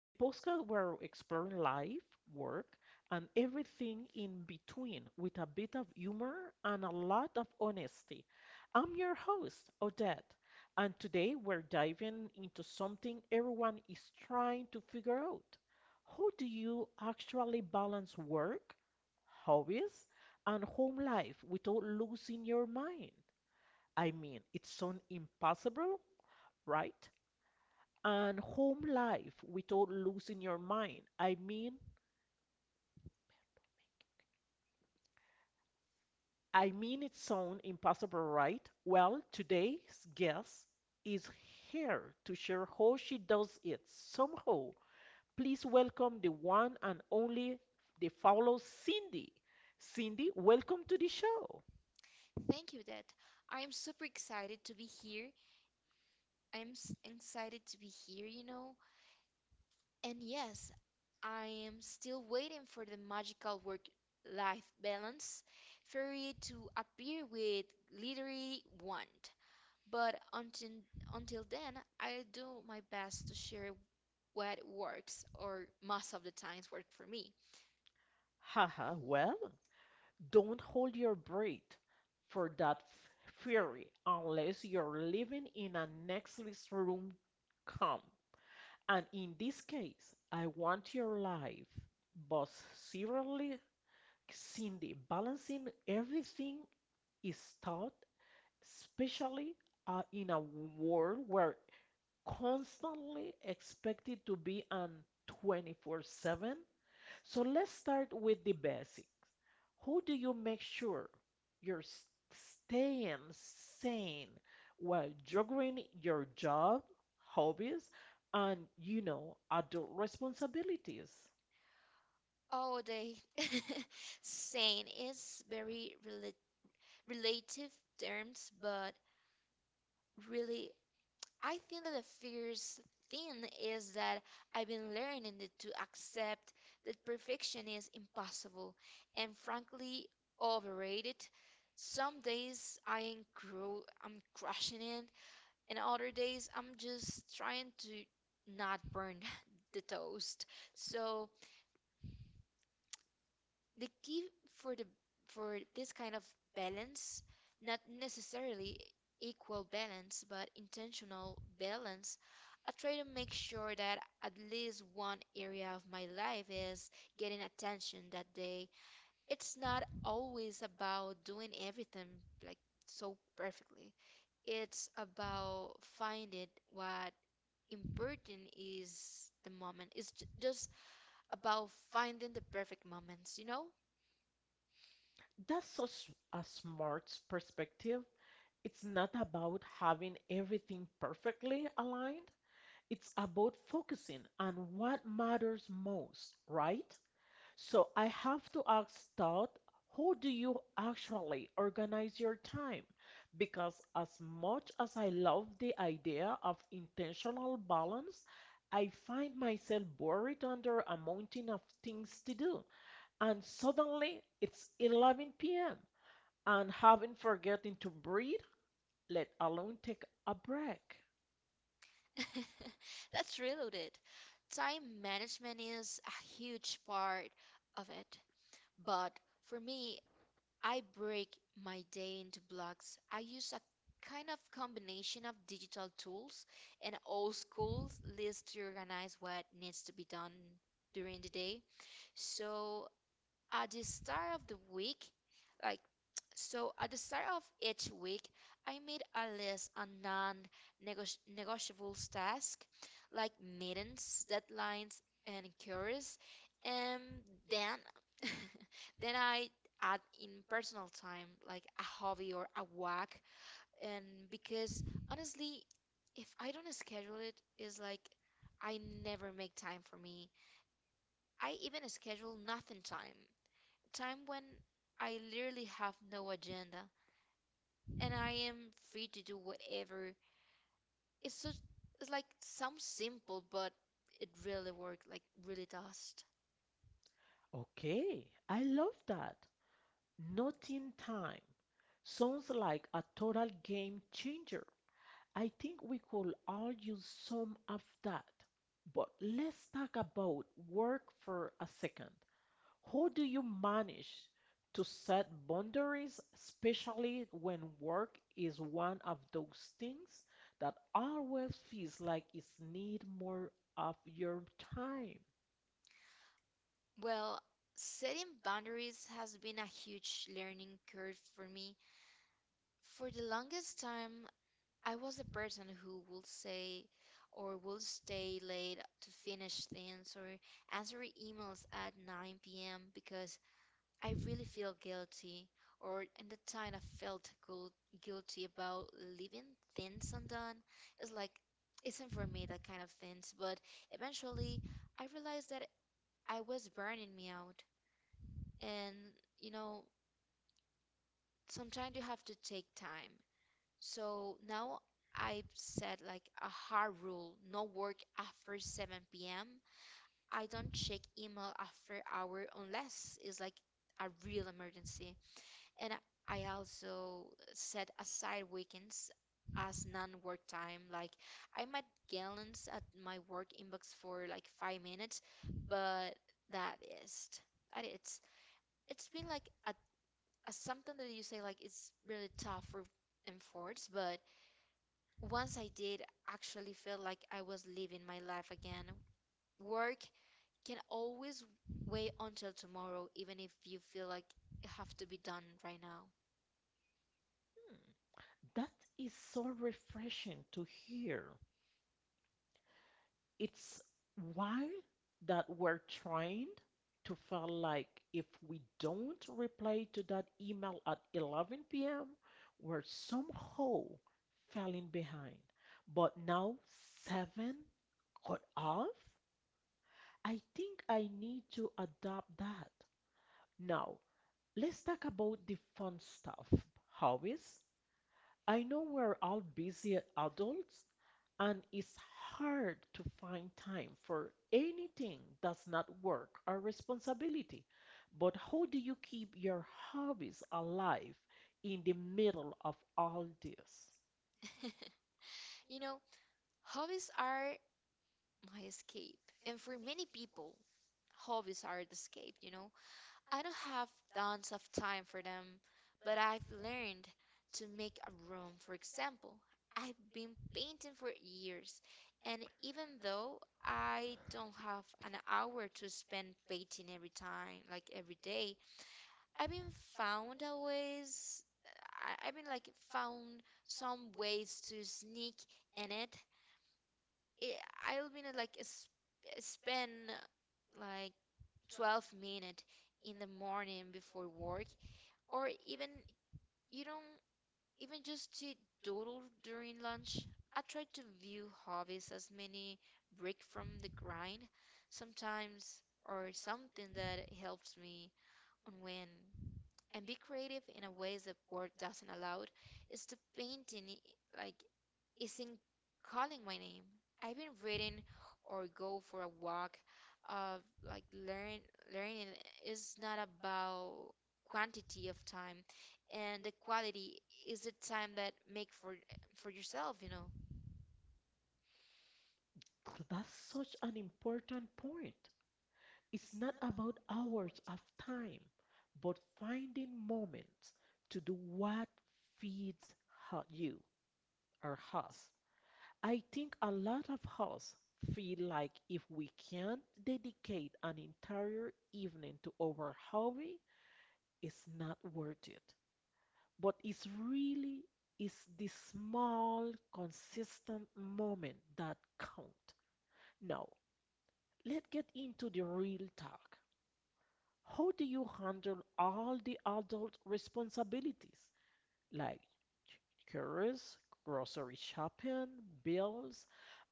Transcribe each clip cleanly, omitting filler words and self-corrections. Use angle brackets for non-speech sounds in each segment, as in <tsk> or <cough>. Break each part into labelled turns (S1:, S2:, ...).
S1: the postcard where we're exploring life, work, and everything in between with a bit of humor and a lot of honesty. I'm your host, Odette, and today we're diving into something everyone is trying to figure out. How do you actually balance work, hobbies, and home life without losing your mind? I mean, it's so impossible, right? And home life without losing your mind. I mean it sound impossible, right? Well, today's guest is here to share how she does it somehow. Please welcome the one and only the follow Cindy. Cindy, welcome to the show.
S2: Thank you, Dad. I am super excited to be here. Excited to be here, And yes, I am still waiting for the magical work life balance fairy to appear with glittery wand. But until then, I'll do my best to share what works, or most of the times work for me.
S1: Haha, well, don't hold your breath for that fury unless you're living in a next room calm. And in this case, I want your life, but seriously, Cindy, balancing everything is taught, especially in a world where constantly expected to be on 24/7. So let's start with the basics. How do you make sure you're staying sane while juggling your job, hobbies, and adult responsibilities?
S2: Oh, they <laughs> saying is very relative terms, but really I think that the fierce thing is that I've been learning that to accept that perfection is impossible and frankly overrated. Some days I'm crushing it, and other days I'm just trying to not burn <laughs> the toast. So the key for the for this kind of balance, not necessarily equal balance but intentional balance. I try to make sure that at least one area of my life is getting attention that day. It's not always about doing everything like so perfectly. It's about finding what important is the moment. Just about finding the perfect moments, you know.
S1: That's such a smart perspective. It's not about having everything perfectly aligned. It's about focusing on what matters most, right? So I have to ask Todd, how do you actually organize your time? Because as much as I love the idea of intentional balance, I find myself buried under a mountain of things to do. And suddenly it's 11 p.m. and haven't forgotten to breathe, let alone take a break.
S2: <laughs> That's reloaded. Time management is a huge part of it. But for me, I break my day into blocks. I use a kind of combination of digital tools and old school lists to organize what needs to be done during the day. So at the start of the week, like <tsk> so at the start of each week, I made a list of non-negotiable tasks like meetings, deadlines, and cures, and then <laughs> then I add in personal time like a hobby or a walk, and because honestly, if I don't schedule it, it's like I never make time for me. I even schedule nothing time when I literally have no agenda and I am free to do whatever. It's so it's like sounds simple, but it really works, like really does.
S1: Okay, I love that. Not in time. Sounds like a total game changer. I think we could all use some of that. But let's talk about work for a second. How do you manage to set boundaries, especially when work is one of those things that always feels like it needs more of your time?
S2: Well, setting boundaries has been a huge learning curve for me. For the longest time, I was a person who would say or will stay late to finish things or answer emails at 9 p.m. because I really feel guilty, or in the time guilty about leaving things undone. It's like isn't for me that kind of things. But eventually, I realized that I was burning me out, and you know, sometimes you have to take time. So now I've set like a hard rule: no work after 7 p.m. I don't check email after hour unless it's like a real emergency. And I also set aside weekends as non-work time. Like I might glance at my work inbox for like 5 minutes, but that is that it's been like a something that you say like it's really tough for enforced, but once I did actually feel like I was living my life again. Work can always wait until tomorrow, even if you feel like it have to be done right now.
S1: Hmm, that is so refreshing to hear. It's why that we're trained to feel like if we don't reply to that email at 11 p.m., we're somehow falling behind. But now, seven cut off? I think I need to adopt that. Now, let's talk about the fun stuff, hobbies. I know we're all busy adults, and it's hard to find time for anything that's not work or responsibility. But how do you keep your hobbies alive in the middle of all this?
S2: You know, hobbies are my escape. And for many people, hobbies are the escape, you know. I don't have tons of time for them, but I've learned to make a room. For example, I've been painting for years, and even though I don't have an hour to spend painting every time, like every day, I've been found a ways I've been like found some ways to sneak in it, I'll be in a, like a sp Spend like 12 minute in the morning before work, or even you don't even just to doodle during lunch. I try to view hobbies as mini break from the grind sometimes, or something that helps me on when and be creative in a ways that work doesn't allow. It's the painting I- like Isn't calling my name. I've been reading or go for a walk. Uh, like learn Learning is not about quantity of time, and the quality is the time that make for yourself. You know,
S1: <tsk> That's such an important point. It's not about hours of time, but finding moments to do what feeds you or us. I think a lot of us feel like if we can't dedicate an entire evening to our hobby, it's not worth it. But it's really it's the small, consistent moment that count. Now, let's get into the real talk. How do you handle all the adult responsibilities, like chores, grocery shopping, bills,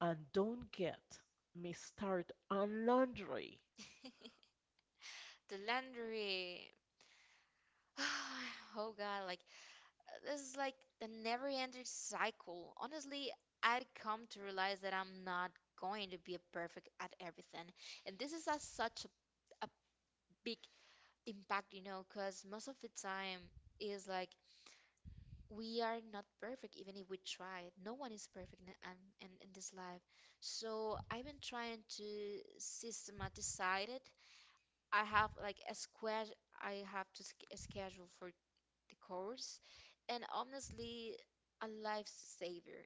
S1: and don't get me started on laundry?
S2: the laundry. <sighs> Oh God, like this is like the never-ending cycle. Honestly, I'd come to realize that I'm not going to be a perfect at everything, and this is such a big impact, you know, because most of the time is like we are not perfect, even if we try. No one is perfect in this life. So I've been trying to systematize it. I have like a square, I have to sch- a schedule for the course, and honestly, a lifesaver.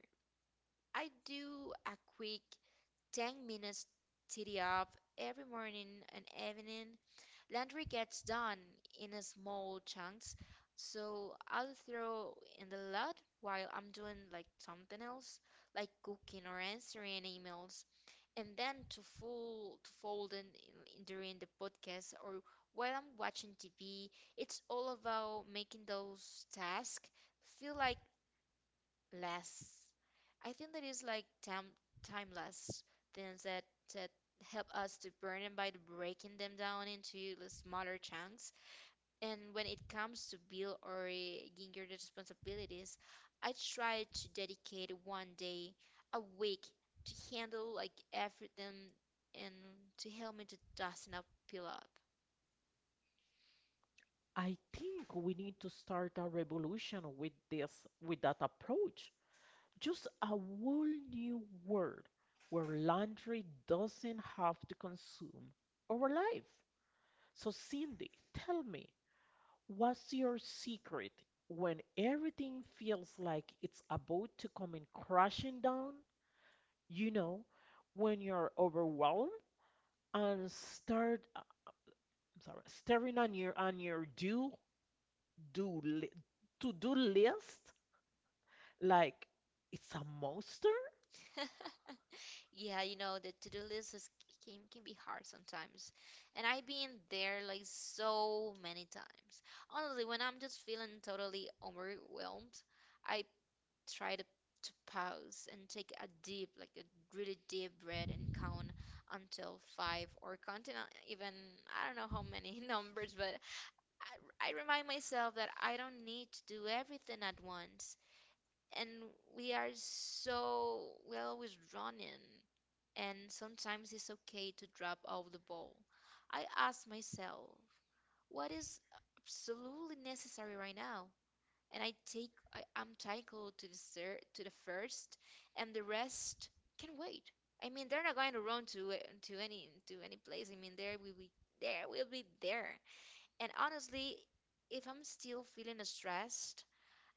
S2: I do a quick 10 minutes TD up every morning and evening. Laundry gets done in a small chunks, so I'll throw in the lot while I'm doing like something else, like cooking or answering emails, and then to fold in during the podcast or while I'm watching TV. It's all about making those tasks feel like less. I think that is like timeless things that help us to burn them by breaking them down into the smaller chunks. And when it comes to bill or ginger responsibilities, I try to dedicate one day a week to handle like everything and to help me to dust and up, peel up.
S1: I think we need to start a revolution with that approach. Just a whole new world where laundry doesn't have to consume our life. So, Cindy, tell me, what's your secret when everything feels like it's about to come in crashing down? you know, when you're overwhelmed and start, I'm sorry, staring on your do do li to do list, like it's a monster.
S2: <laughs> Yeah, you know, the to-do list is, can be hard sometimes. And I've been there like so many times. Honestly, when I'm just feeling totally overwhelmed, I try to pause and take a deep, like a really deep breath and count until five or counting on even I don't know how many <laughs> numbers, but I remind myself that I don't need to do everything at once. And we are so, we always running and sometimes it's okay to drop off the ball. I ask myself, what is absolutely necessary right now? And I'm tackled to the first, and the rest can wait. I mean, they're not going to run to any place. I mean, there will be there. And honestly, if I'm still feeling stressed,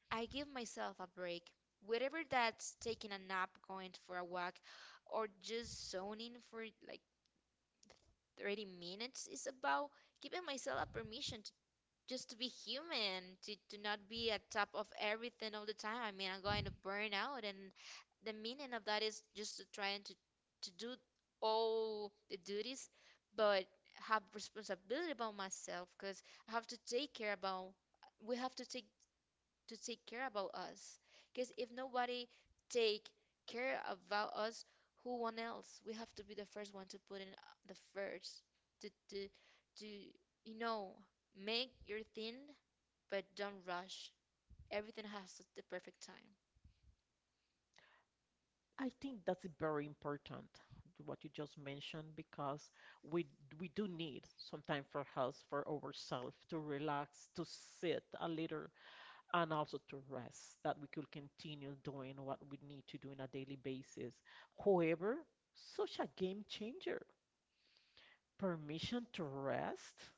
S2: I give myself a break. Whatever that's taking a nap, going for a walk, or just zoning for like 30 minutes is about giving myself a permission to just to be human, to not be at top of everything all the time. I mean, I'm going to burn out, and the meaning of that is just to trying to do all the duties, but have responsibility about myself. Because I have to take care about, we have to take care about us. Because if nobody take care about us, who one else? We have to be the first one to put in the first to to to you know, make your thing, but don't rush. Everything has the perfect time.
S1: I think that's very important what you just mentioned because we we do need some time for us, for ourselves to relax, to sit a little, and also to rest, that we could continue doing what we need to do on a daily basis. However, such a game changer. Permission to rest,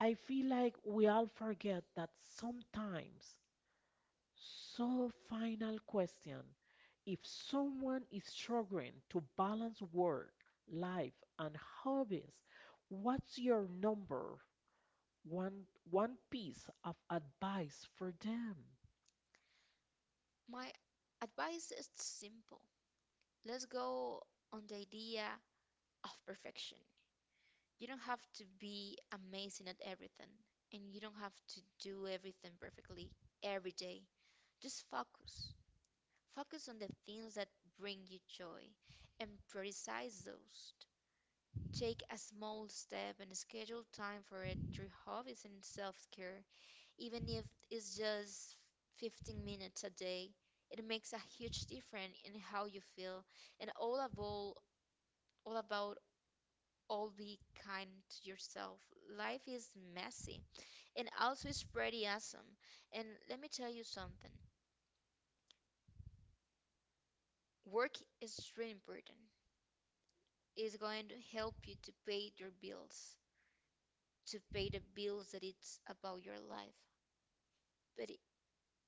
S1: I feel like we all forget that sometimes. So, final question. If someone is struggling to balance work, life, and hobbies, what's your number one one piece of advice for them?
S2: My advice is simple. Let's go on the idea of perfection. You don't have to be amazing at everything, and you don't have to do everything perfectly every day. Just focus. Focus on the things that bring you joy and prioritize those. Take a small step and schedule time for it, your hobbies and self care, even if it's just 15 minutes a day. It makes a huge difference in how you feel, and all about only kind to yourself. Life is messy and also it's pretty awesome. And let me tell you something, work is really important. It's going to help you to pay your bills, to pay the bills that it's about your life. But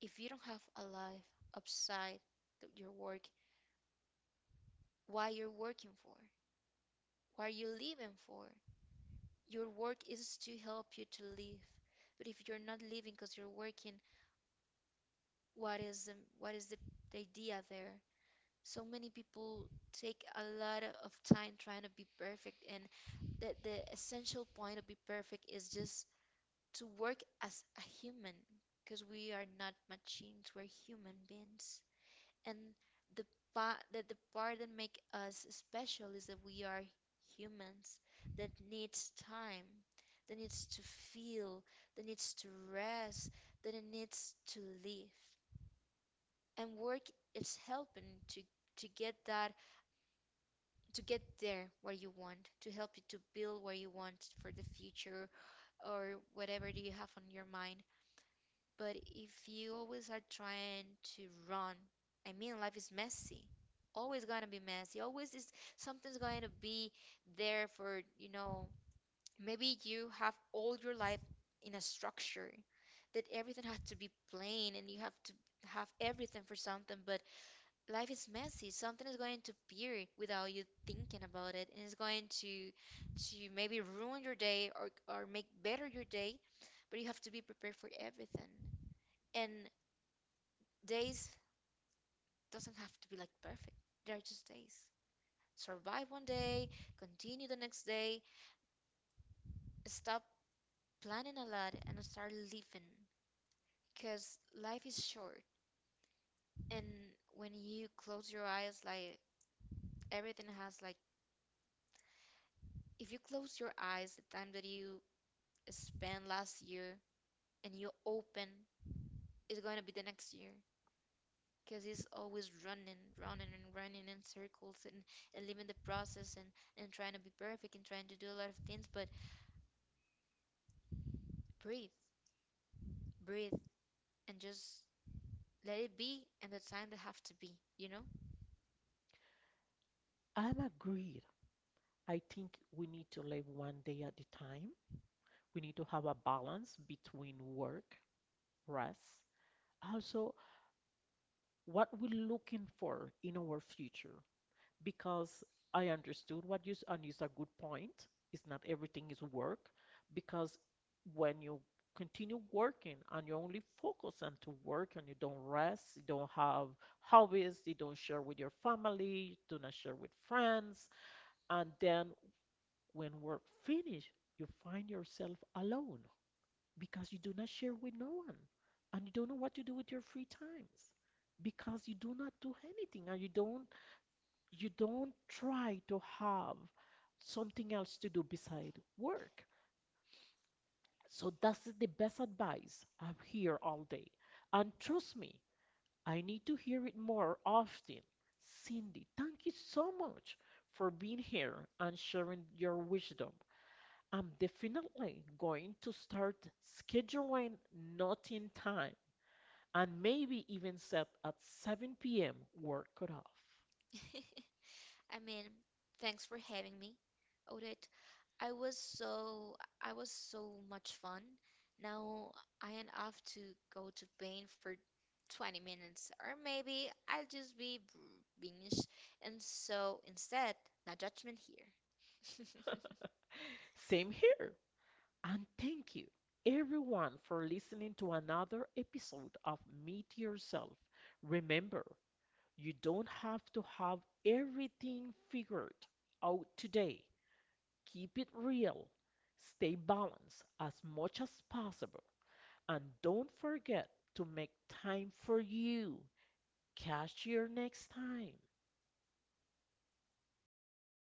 S2: if you don't have a life outside of your work, why you're working for? Why are you living for? Your work is to help you to live. But if you're not living because you're working, what is the idea there? So many people take a lot of time trying to be perfect, and the essential point of be perfect is just to work as a human, because we are not machines, we're human beings. And the the part that make us special is that we are humans that needs time, that needs to feel, that needs to rest, that it needs to live, and work is helping to get that, to get there where you want, to help you to build where you want for the future, or whatever do you have on your mind. But if you always are trying to run, I mean, life is messy. Always gonna be messy. Always is something's going to be there for, you know, maybe you have all your life in a structure that everything has to be plain and you have to have everything for something, but life is messy. Something is going to appear without you thinking about it, and it's going to maybe ruin your day or make better your day. But you have to be prepared for everything. And days doesn't have to be like perfect. They are just days. Survive one day, continue the next day. Stop planning a lot and start living, because life is short. And when you close your eyes, like everything has like, if you close your eyes the time that you spent last year and you open, it's going to be the next year, because he's always running, running and running in circles, and living the process, and trying to be perfect and trying to do a lot of things. But breathe, breathe, and just let it be and the time they have to be, you know?
S1: I'm agreed. I think we need to live one day at a time. We need to have a balance between work, rest, also what we're looking for in our future because I understood what you and it's a good point. It's not everything is work because when you continue working and you only focus on to work and you don't rest, you don't have hobbies, you don't share with your family, you do not share with friends, and then when work finish, you find yourself alone because you do not share with no one and you don't know what to do with your free times because you do not do anything and you don't try to have something else to do beside work. So that's the best advice. I'm here all day, and trust me, I need to hear it more often. Cindy, thank you so much for being here and sharing your wisdom. I'm definitely going to start scheduling nothing time and maybe even set at 7 p.m. work cutoff.
S2: <laughs> I mean, thanks for having me, Odette. I was so much fun. Now I am off to go to paint for 20 minutes, or maybe I'll just be b- binge and so instead, no judgment here. <laughs>
S1: Same here. And thank you, everyone, for listening to another episode of Meet Yourself. Remember, you don't have to have everything figured out today. Keep it real, stay balanced as much as possible, and don't forget to make time for you. Catch you next time.